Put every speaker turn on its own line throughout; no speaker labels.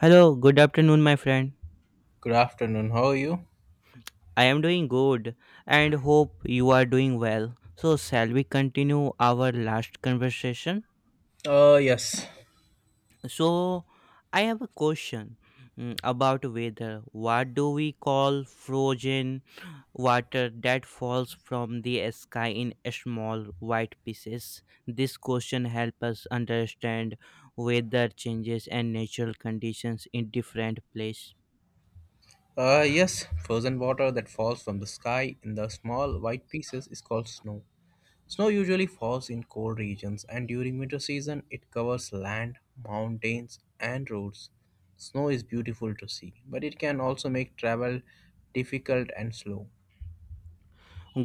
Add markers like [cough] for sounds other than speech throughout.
Hello, good afternoon, my friend.
Good afternoon. How are you?
I am doing good and hope you are doing well. So, shall we continue our last conversation?
Yes.
So, I have a question about weather. What do we call frozen water that falls from the sky in small white pieces? This question helps us understand weather changes and natural conditions in different places.
Yes, frozen water that falls from the sky in the small white pieces is called snow. Snow usually falls in cold regions, and during winter season, it covers land, mountains, and roads. Snow is beautiful to see, but it can also make travel difficult and slow.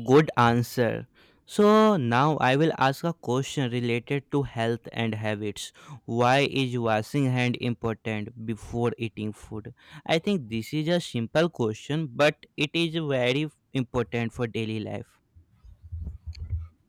Good answer. So now I will ask a question related to health and habits. Why is washing hand important before eating food? I think this is a simple question, but it is very important for daily life.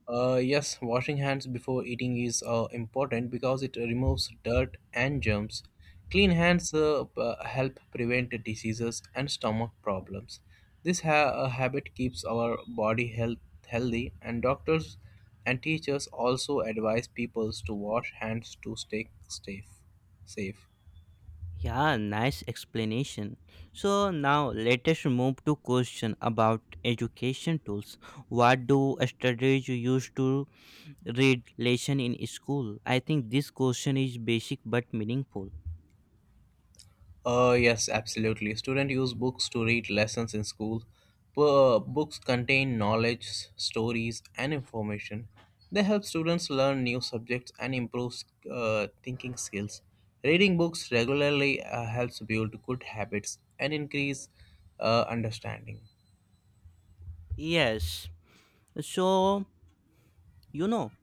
Yes, washing hands before eating is important because it removes dirt and germs. Clean hands help prevent diseases and stomach problems. This habit keeps our body healthy, and doctors and teachers also advise people to wash hands to stay safe. Safe.
Yeah, nice explanation. So now let us move to question about education tools. What do studies use to read lesson in school? I think this question is basic but meaningful.
Yes, absolutely. Students use books to read lessons in school. Books contain knowledge, stories, and information. They help students learn new subjects and improve thinking skills. Reading books regularly helps build good habits and increase understanding.
Yes. So, you know,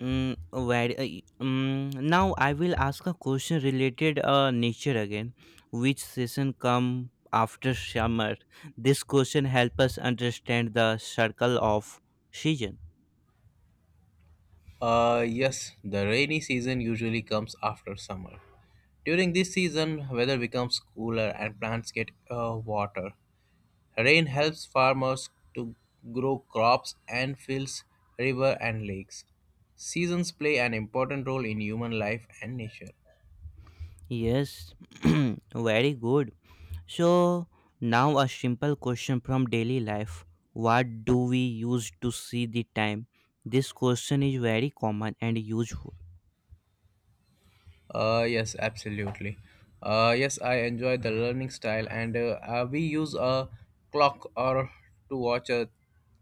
Now I will ask a question related nature again. Which season come after summer? This question help us understand the circle of season.
Yes, the rainy season usually comes after summer. During this season, weather becomes cooler and plants get water. Rain helps farmers to grow crops and fills rivers and lakes. Seasons play an important role in human life and nature.
Yes, [clears throat] very good. So, now a simple question from daily life. What do we use to see the time? This question is very common and useful.
Yes, absolutely. Yes, I enjoy the learning style, and we use a clock or to watch a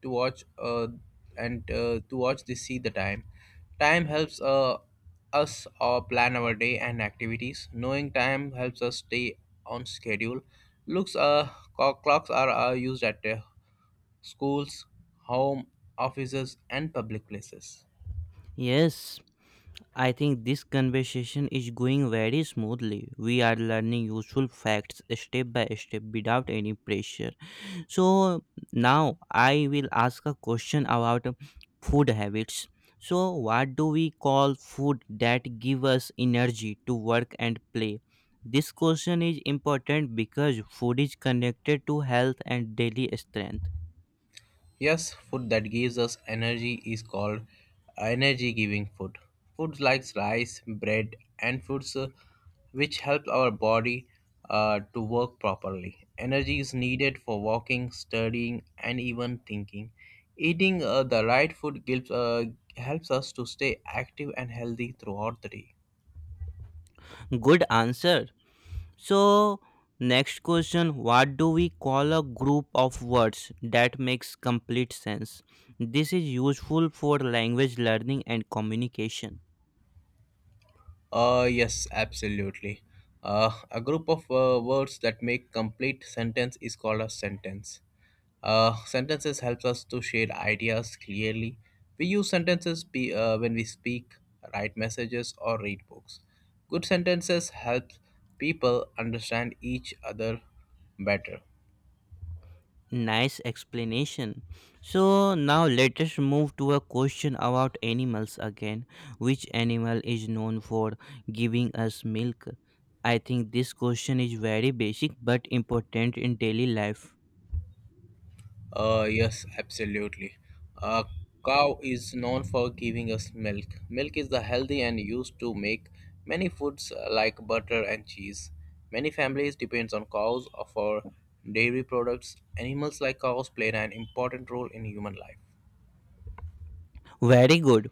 to watch and to watch the see the time. Time helps us plan our day and activities. Knowing time helps us stay on schedule. Looks uh, Clocks are used at schools, home, offices, and public places.
Yes, I think this conversation is going very smoothly. We are learning useful facts step by step without any pressure. So now I will ask a question about food habits. So what do we call food that give us energy to work and play? This question is important because food is connected to health and daily strength.
Yes, food that gives us energy is called energy giving food. Foods like rice, bread, and fruits which help our body to work properly. Energy is needed for walking, studying, and even thinking. Eating the right food helps us to stay active and healthy throughout the day.
Good answer. So, next question. What do we call a group of words that makes complete sense? This is useful for language learning and communication.
Yes, absolutely. A group of words that make complete sentence is called a sentence. Sentences helps us to share ideas clearly. We use sentences when we speak, write messages, or read books. Good sentences help people understand each other better.
Nice explanation. So, now let us move to a question about animals again. Which animal is known for giving us milk? I think this question is very basic but important in daily life.
Yes, absolutely. A cow is known for giving us milk. Milk is the healthy and used to make many foods like butter and cheese. Many families depends on cows for dairy products. Animals like cows play an important role in human life.
Very good.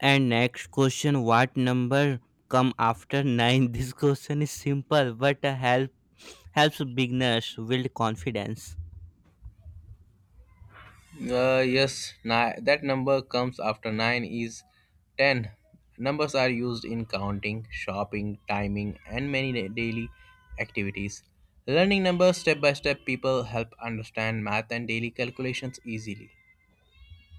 And next question, what number come after 9? [laughs] This question is simple but helps beginners build confidence.
Yes, that number comes after 9 is 10. Numbers are used in counting, shopping, timing, and many daily activities. Learning numbers step by step people help understand math and daily calculations easily.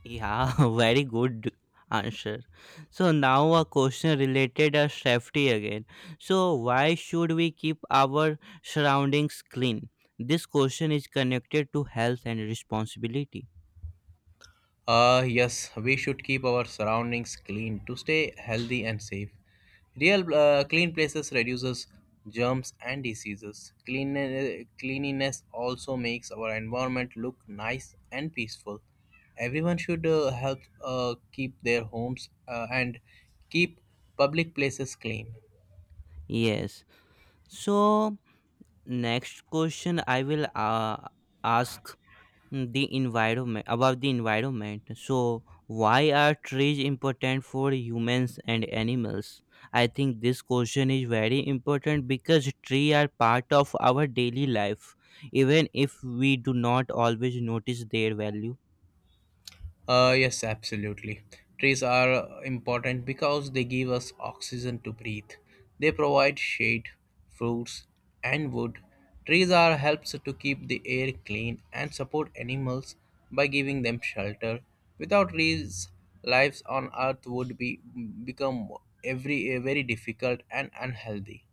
Yeah, [laughs] very good answer. So now a question related to safety again. So why should we keep our surroundings clean? This question is connected to health and responsibility.
Yes, we should keep our surroundings clean to stay healthy and safe. Real Clean places reduces germs and diseases. Cleanliness also makes our environment look nice and peaceful. Everyone should help keep their homes and keep public places clean.
Yes. So next question, I will ask the environment about the environment. So why are trees important for humans and animals? I think this question is very important because trees are part of our daily life even if we do not always notice their value.
Yes, absolutely. Trees are important because they give us oxygen to breathe. They provide shade, fruits, and wood. Trees are helps to keep the air clean and support animals by giving them shelter. Without trees, lives on earth would be become every very difficult and unhealthy.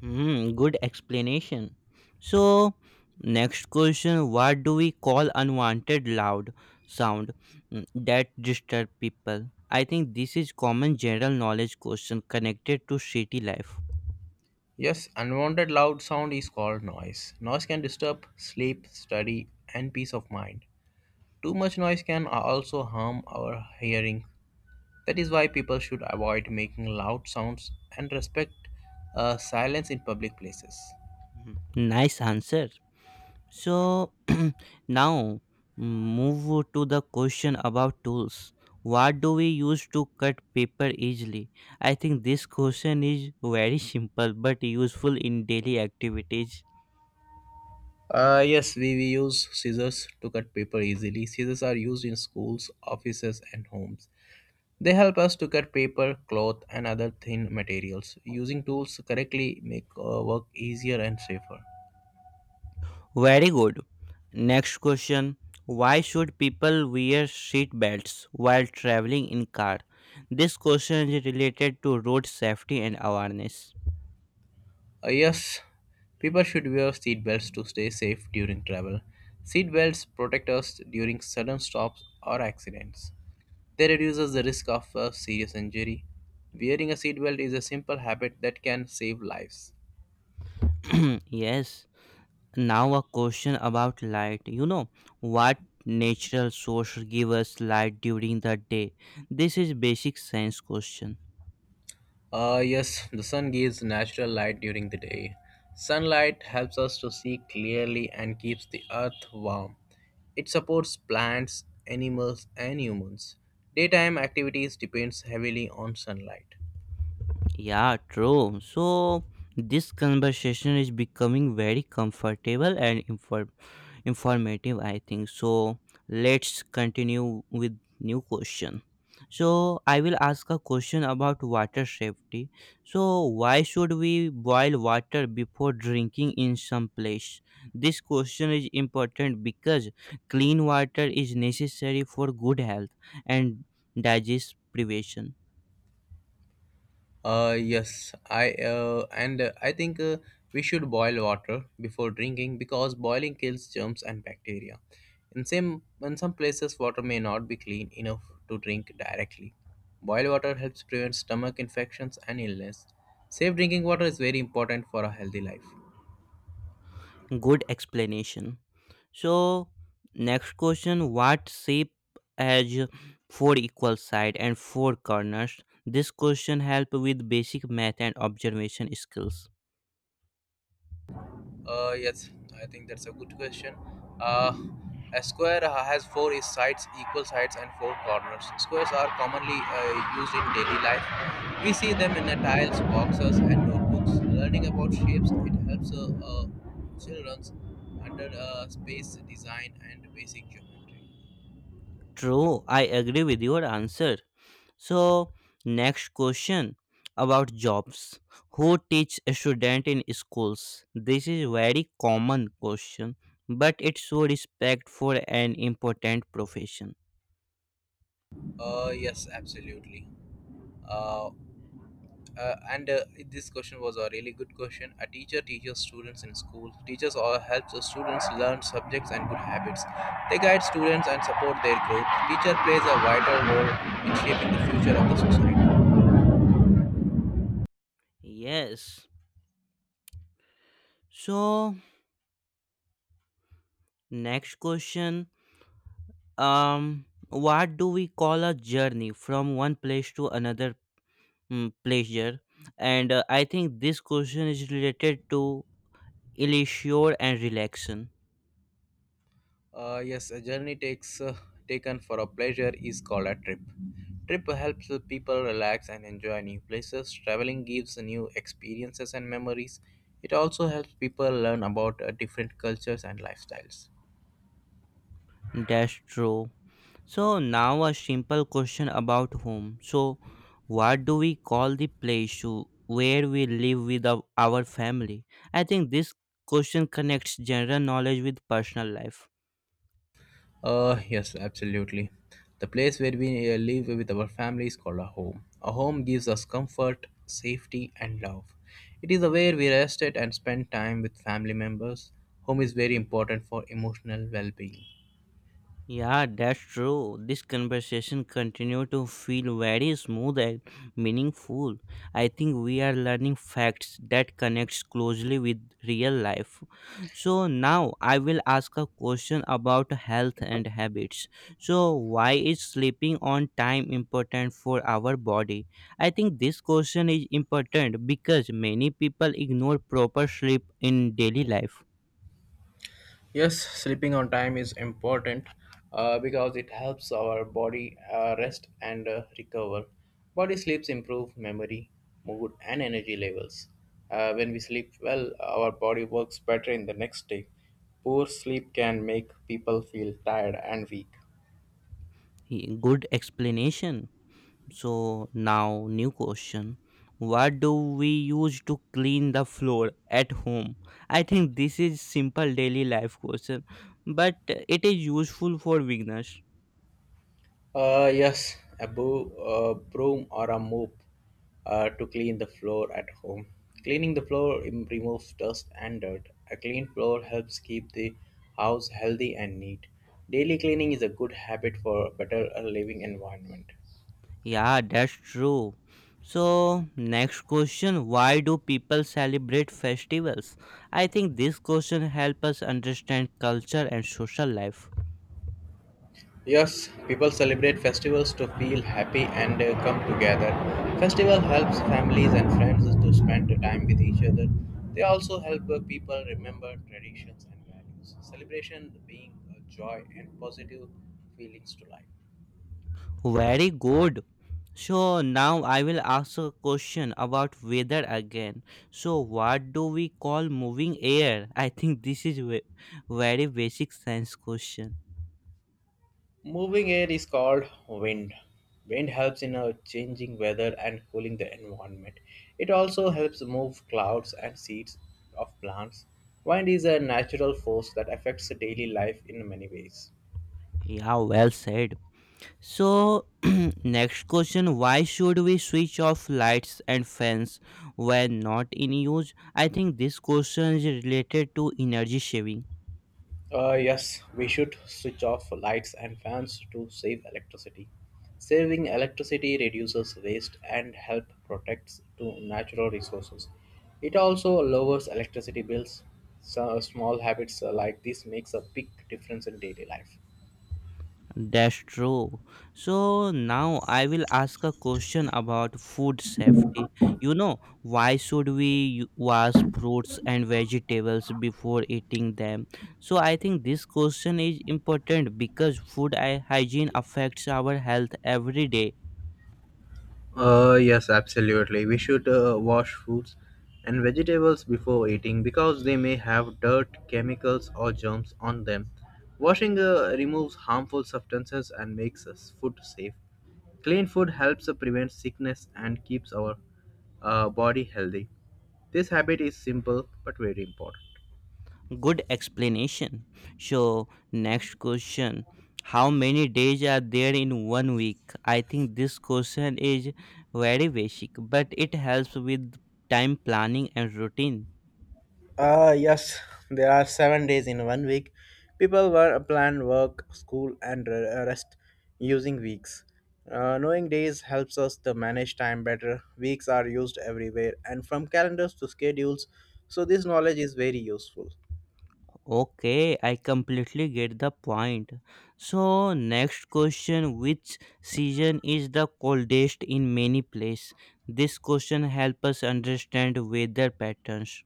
Hmm, good explanation. So, next question. What do we call unwanted loud sound that disturb people? I think this is common general knowledge question connected to city life.
Yes, unwanted loud sound is called noise. Noise can disturb sleep, study, and peace of mind. Too much noise can also harm our hearing. That is why people should avoid making loud sounds and respect silence in public places.
Mhm. Nice answer. So, [clears throat] now move to the question about tools. What do we use to cut paper easily? I think this question is very simple but useful in daily activities.
Yes, we use scissors to cut paper easily. Scissors are used in schools, offices, and homes. They help us to cut paper, cloth, and other thin materials. Using tools correctly make work easier and safer.
Very good. Next question. Why should people wear seat belts while traveling in car? This question is related to road safety and awareness.
Yes, people should wear seat belts to stay safe during travel. Seat belts protect us during sudden stops or accidents. They reduces the risk of a serious injury. Wearing a seatbelt is a simple habit that can save lives.
[clears throat] yes. Now a question about light. You know what natural source give us light during the day? This is basic science question.
Yes, the sun gives natural light during the day. Sunlight helps us to see clearly and keeps the earth warm. It supports plants, animals, and humans. Daytime activities depends heavily on sunlight.
Yeah, true. So this conversation is becoming very comfortable and informative, I think. So let's continue with new question. So I will ask a question about water safety. So why should we boil water before drinking in some place? This question is important because clean water is necessary for good health and digest privation.
Yes, I think we should boil water before drinking because boiling kills germs and bacteria. In some places, water may not be clean enough to drink directly. Boiled water helps prevent stomach infections and illness. Safe drinking water is very important for a healthy life.
Good explanation. So, next question. What shape has four equal sides and four corners? This question help with basic math and observation skills.
Yes, I think that's a good question. Uh, a square has four sides, equal sides, and four corners. Squares are commonly used in daily life. We see them in the tiles, boxes, and notebooks. Learning about shapes it helps children under space design and basic geometry.
True, I agree with your answer. So, next question about jobs. Who teach a student in schools? This is very common question, but it show respect for an important profession.
Yes, absolutely. Uh, and this question was a really good question. A teacher teaches students in school. Teachers all help the students learn subjects and good habits. They guide students and support their growth. Teacher plays a vital role in shaping the future of the society.
Yes. So, next question. What do we call a journey from one place to another pleasure? And I think this question is related to leisure and relaxation.
Yes, a journey takes taken for a pleasure is called a trip. Trip helps the people relax and enjoy new places. Traveling gives new experiences and memories. It also helps people learn about different cultures and lifestyles.
That's true. So now a simple question about home. So, what do we call the place to where we live with our family? I think this question connects general knowledge with personal life.
Yes, absolutely. The place where we live with our family is called a home. A home gives us comfort, safety, and love. It is where we rest it and spend time with family members. Home is very important for emotional well being.
Yeah, that's true. This conversation continued to feel very smooth and meaningful. I think we are learning facts that connects closely with real life. So now I will ask a question about health and habits. So why is sleeping on time important for our body? I think this question is important because many people ignore proper sleep in daily life.
Yes, sleeping on time is important because it helps our body rest and recover. Body sleeps improve memory, mood, and energy levels. When we sleep well, our body works better in the next day. Poor sleep can make people feel tired and weak.
Good explanation. So now new question. What do we use to clean the floor at home? I think this is simple daily life question, but it is useful for beginners.
Yes, a broom or a mop to clean the floor at home. Cleaning the floor removes dust and dirt. A clean floor helps keep the house healthy and neat. Daily cleaning is a good habit for a better living environment.
Yeah, that's true. So next question, why do people celebrate festivals? I think this question help us understand culture and social life.
Yes, people celebrate festivals to feel happy and come together. Festival helps families and friends to spend time with each other. They also help people remember traditions and values. Celebration being a joy and positive feelings to life.
Very good. So now I will ask a question about weather again. So what do we call moving air? I think this is very basic science question.
Moving air is called wind. Wind helps in changing weather and cooling the environment. It also helps move clouds and seeds of plants. Wind is a natural force that affects daily life in many ways.
Yeah, well said. So [clears throat] next question, why should we switch off lights and fans when not in use? I think this question is related to energy saving.
Yes, we should switch off lights and fans to save electricity. Saving electricity reduces waste and help protects to natural resources. It also lowers electricity bills. So small habits like this makes a big difference in daily life.
That's true. So now I will ask a question about food safety. You know, why should we wash fruits and vegetables before eating them? So I think this question is important because food hygiene affects our health every day.
Yes, absolutely. We should wash fruits and vegetables before eating because they may have dirt, chemicals, or germs on them. Washing removes harmful substances and makes us food safe. Clean food helps prevent sickness and keeps our body healthy. This habit is simple but very important.
Good explanation. So, next question. How many days are there in one week? I think this question is very basic, but it helps with time planning and routine.
Yes, there are 7 days in one week. People were planned work, school, and rest using weeks. Knowing days helps us to manage time better. Weeks are used everywhere and from calendars to schedules, so this knowledge is very useful.
Okay, I completely get the point. So, next question. Which season is the coldest in many places? This question helps us understand weather patterns.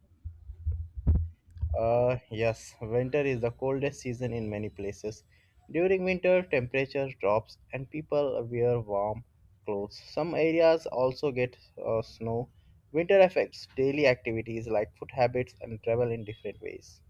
Yes, winter is the coldest season in many places. During winter, temperature drops and people wear warm clothes. Some areas also get snow. Winter affects daily activities like food habits and travel in different ways.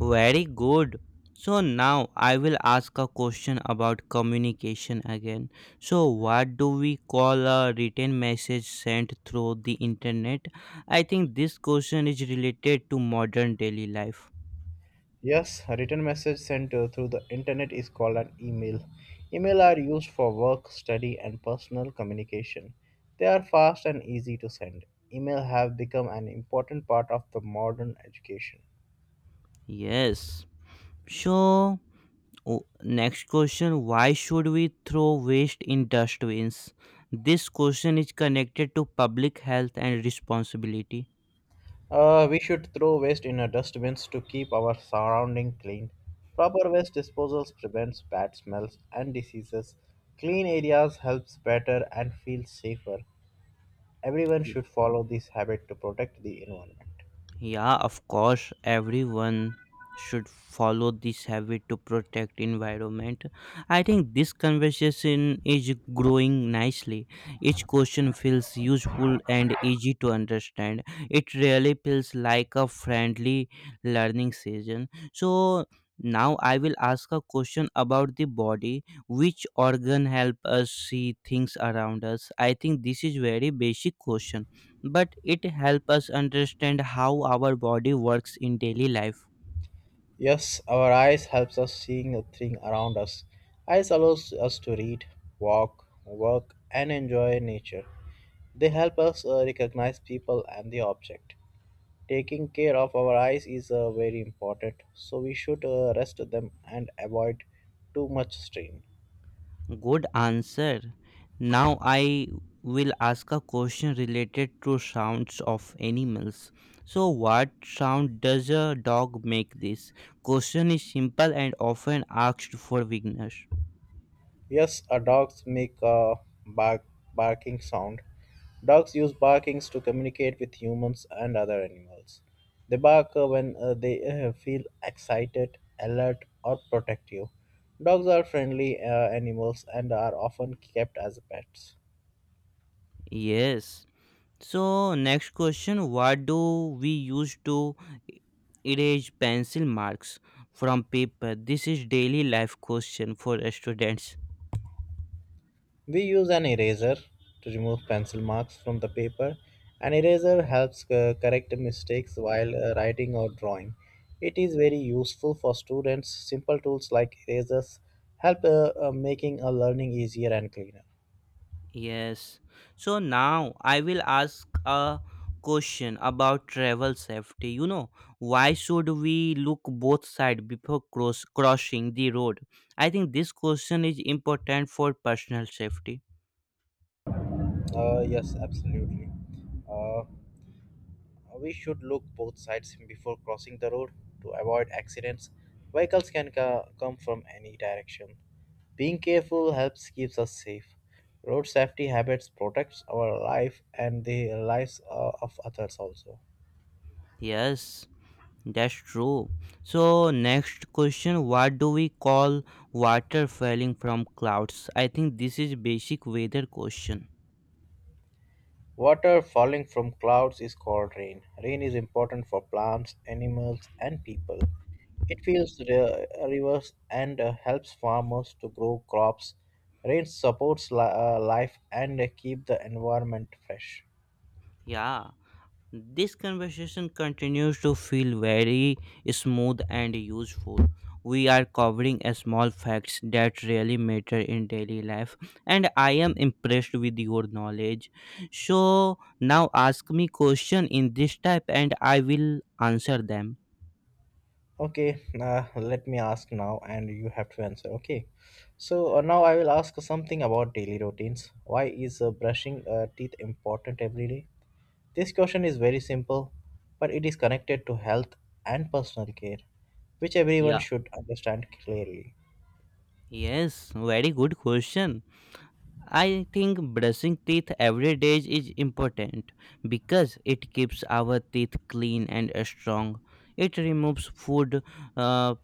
Very good. So now I will ask a question about communication again. So what do we call a written message sent through the internet? I think this question is related to modern daily life.
Yes, a written message sent through the internet is called an email. Email are used for work, study, and personal communication. They are fast and easy to send. Email have become an important part of the modern education.
Yes. So next question, why should we throw waste in dustbins? This question is connected to public health and responsibility.
We should throw waste in our dustbins to keep our surrounding clean. Proper waste disposals prevents bad smells and diseases. Clean areas helps better and feel safer. Everyone should follow this habit to protect the environment.
Yeah, of course, everyone should follow this habit to protect environment. I think this conversation is growing nicely. Each question feels useful and easy to understand. It really feels like a friendly learning session. So now I will ask a question about the body. Which organ help us see things around us? I think this is very basic question but it helps us understand how our body works in daily life.
Yes, our eyes helps us seeing the thing around us. Eyes allows us to read, walk, work and enjoy nature. They help us recognize people and the object. Taking care of our eyes is very important, so we should rest them and avoid too much strain.
Good answer. Now I will ask a question related to sounds of animals. So what sound does a dog make this? Question is simple and often asked for beginners.
Yes, dogs make a bark barking sound. Dogs use barkings to communicate with humans and other animals. They bark when they feel excited, alert, or protective. Dogs are friendly animals and are often kept as pets.
Yes. So next question, what do we use to erase pencil marks from paper? This is daily life question for students.
We use an eraser to remove pencil marks from the paper. An eraser helps correct mistakes while writing or drawing. It is very useful for students. Simple tools like erasers help making a learning easier and cleaner.
Yes. So now I will ask a question about travel safety. You know, why should we look both sides before crossing the road? I think this question is important for personal safety.
Yes, absolutely. Uh, we should look both sides before crossing the road to avoid accidents. Vehicles can come from any direction. Being careful helps keeps us safe. Road safety habits protects our life and the lives of others also.
Yes, that's true. So next question, what do we call water falling from clouds? I think this is basic weather question.
Water falling from clouds is called rain. Rain is important for plants, animals and people. It fills the rivers and helps farmers to grow crops. Rain supports life and keep the environment fresh.
Yeah. This conversation continues to feel very smooth and useful. We are covering a small facts that really matter in daily life, and I am impressed with your knowledge. So now ask me question in this type, and I will answer them.
Okay, let me ask now, and you have to answer. Okay, so now I will ask something about daily routines. Why is brushing teeth important every day? This question is very simple, but it is connected to health and personal care, which everyone
Yeah.
should understand clearly.
Yes. Very good question. I think brushing teeth every day is important because it keeps our teeth clean and strong. It removes food uh,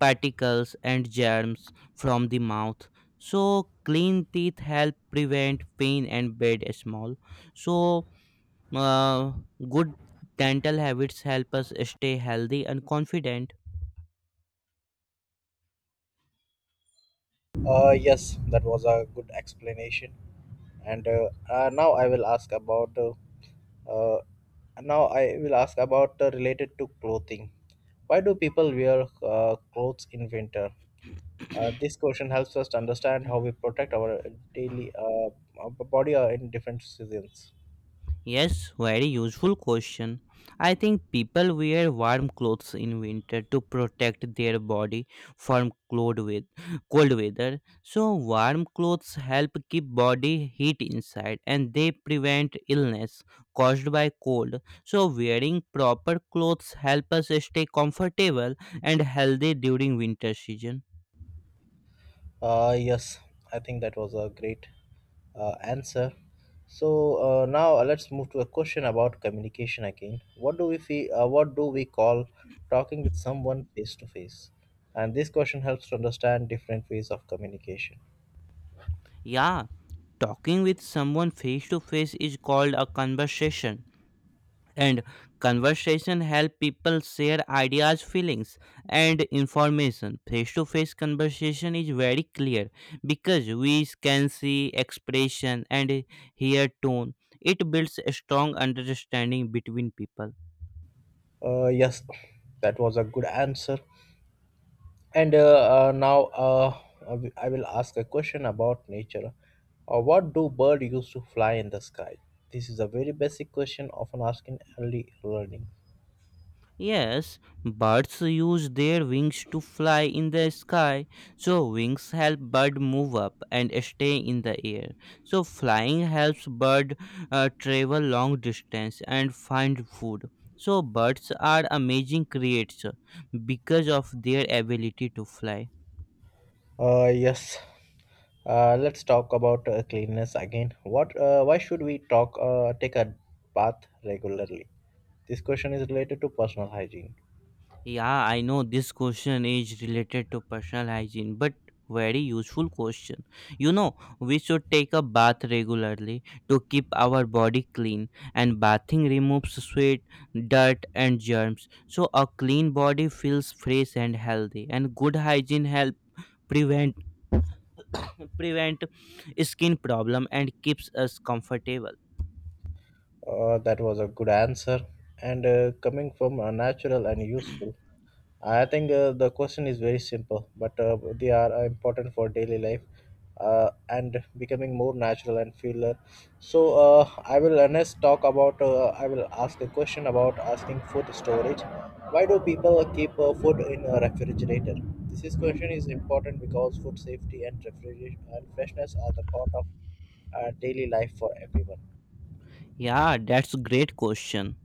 particles and germs from the mouth. So clean teeth help prevent pain and bad smell. So uh, good dental habits help us stay healthy and confident.
Yes, that was a good explanation. And now I will ask about uh, related to clothing. Why do people wear clothes in winter? This question helps us to understand how we protect our daily our body in different seasons.
Yes, very useful question. I think people wear warm clothes in winter to protect their body from cold weather. So warm clothes help keep body heat inside and they prevent illness caused by cold. So wearing proper clothes help us stay comfortable and healthy during winter season.
Yes, I think that was a great answer. So now let's move to a question about communication again. What do we call talking with someone face to face? And this question helps to understand different ways of communication.
Yeah, talking with someone face to face is called a conversation, and conversation help people share ideas, feelings, and information. Face to face conversation is very clear because we can see expression and hear tone. It builds a strong understanding between people.
Yes, that was a good answer. And now I will ask a question about nature. What do birds use to fly in the sky? This is a very basic question often asked in early learning.
Yes, birds use their wings to fly in the sky. So wings help bird move up and stay in the air. So flying helps bird travel long distance and find food. So birds are amazing creatures because of their ability to fly.
Yes. Let's talk about cleanliness again. What? Why should we talk? Take a bath regularly. This question is related to personal hygiene.
Yeah, I know this question is related to personal hygiene, but very useful question. You know, we should take a bath regularly to keep our body clean, and bathing removes sweat, dirt, and germs. So, a clean body feels fresh and healthy, and good hygiene help prevent [coughs] prevent skin problem and keeps us comfortable.
That was a good answer and coming from a natural and useful. I think the question is very simple, but they are important for daily life and becoming more natural and feel. So I will next talk about. I will ask a question about asking food storage. Why do people keep food in a refrigerator? This is question is important because food safety and refrigeration and freshness are the part of daily life for everyone.
Yeah, that's a great question.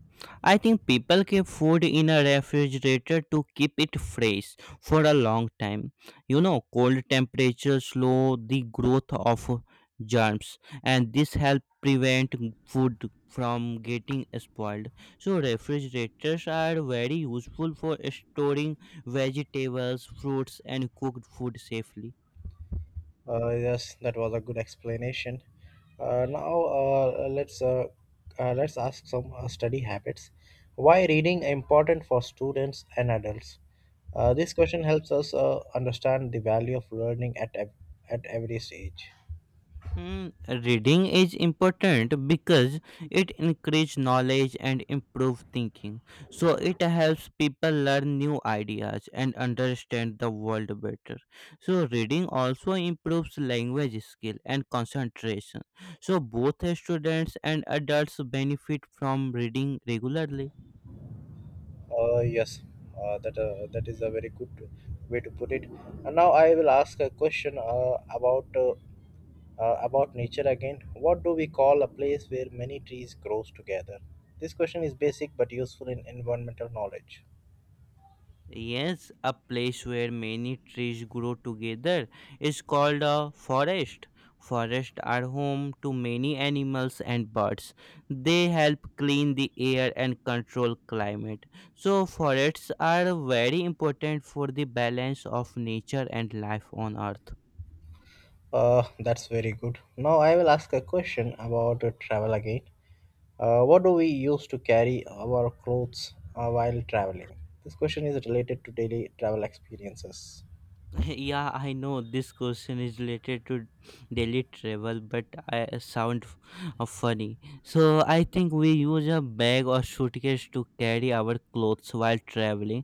I think people keep food in a refrigerator to keep it fresh for a long time. You know, cold temperatures slow the growth of germs, and this help prevent food from getting spoiled. So, refrigerators are very useful for storing vegetables, fruits, and cooked food safely.
Yes, that was a good explanation. Now let's ask some study habits. Why reading important for students and adults? This question helps us understand the value of learning at at every stage.
Hmm, reading is important because it increases knowledge and improves thinking. So it helps people learn new ideas and understand the world better. So reading also improves language skill and concentration. So both students and adults benefit from reading regularly.
Yes, that is a very good way to put it. And now I will ask a question about nature again. What do we call a place where many trees grows together? This question is basic but useful in environmental knowledge.
Yes, a place where many trees grow together is called a forest. Forests are home to many animals and birds. They help clean the air and control climate. So, forests are very important for the balance of nature and life on earth.
That's very good. Now I will ask a question about travel again. What do we use to carry our clothes while traveling? This question is related to daily travel experiences.
[laughs] Yeah, I know this question is related to daily travel, but I sound funny. So I think we use a bag or suitcase to carry our clothes while traveling.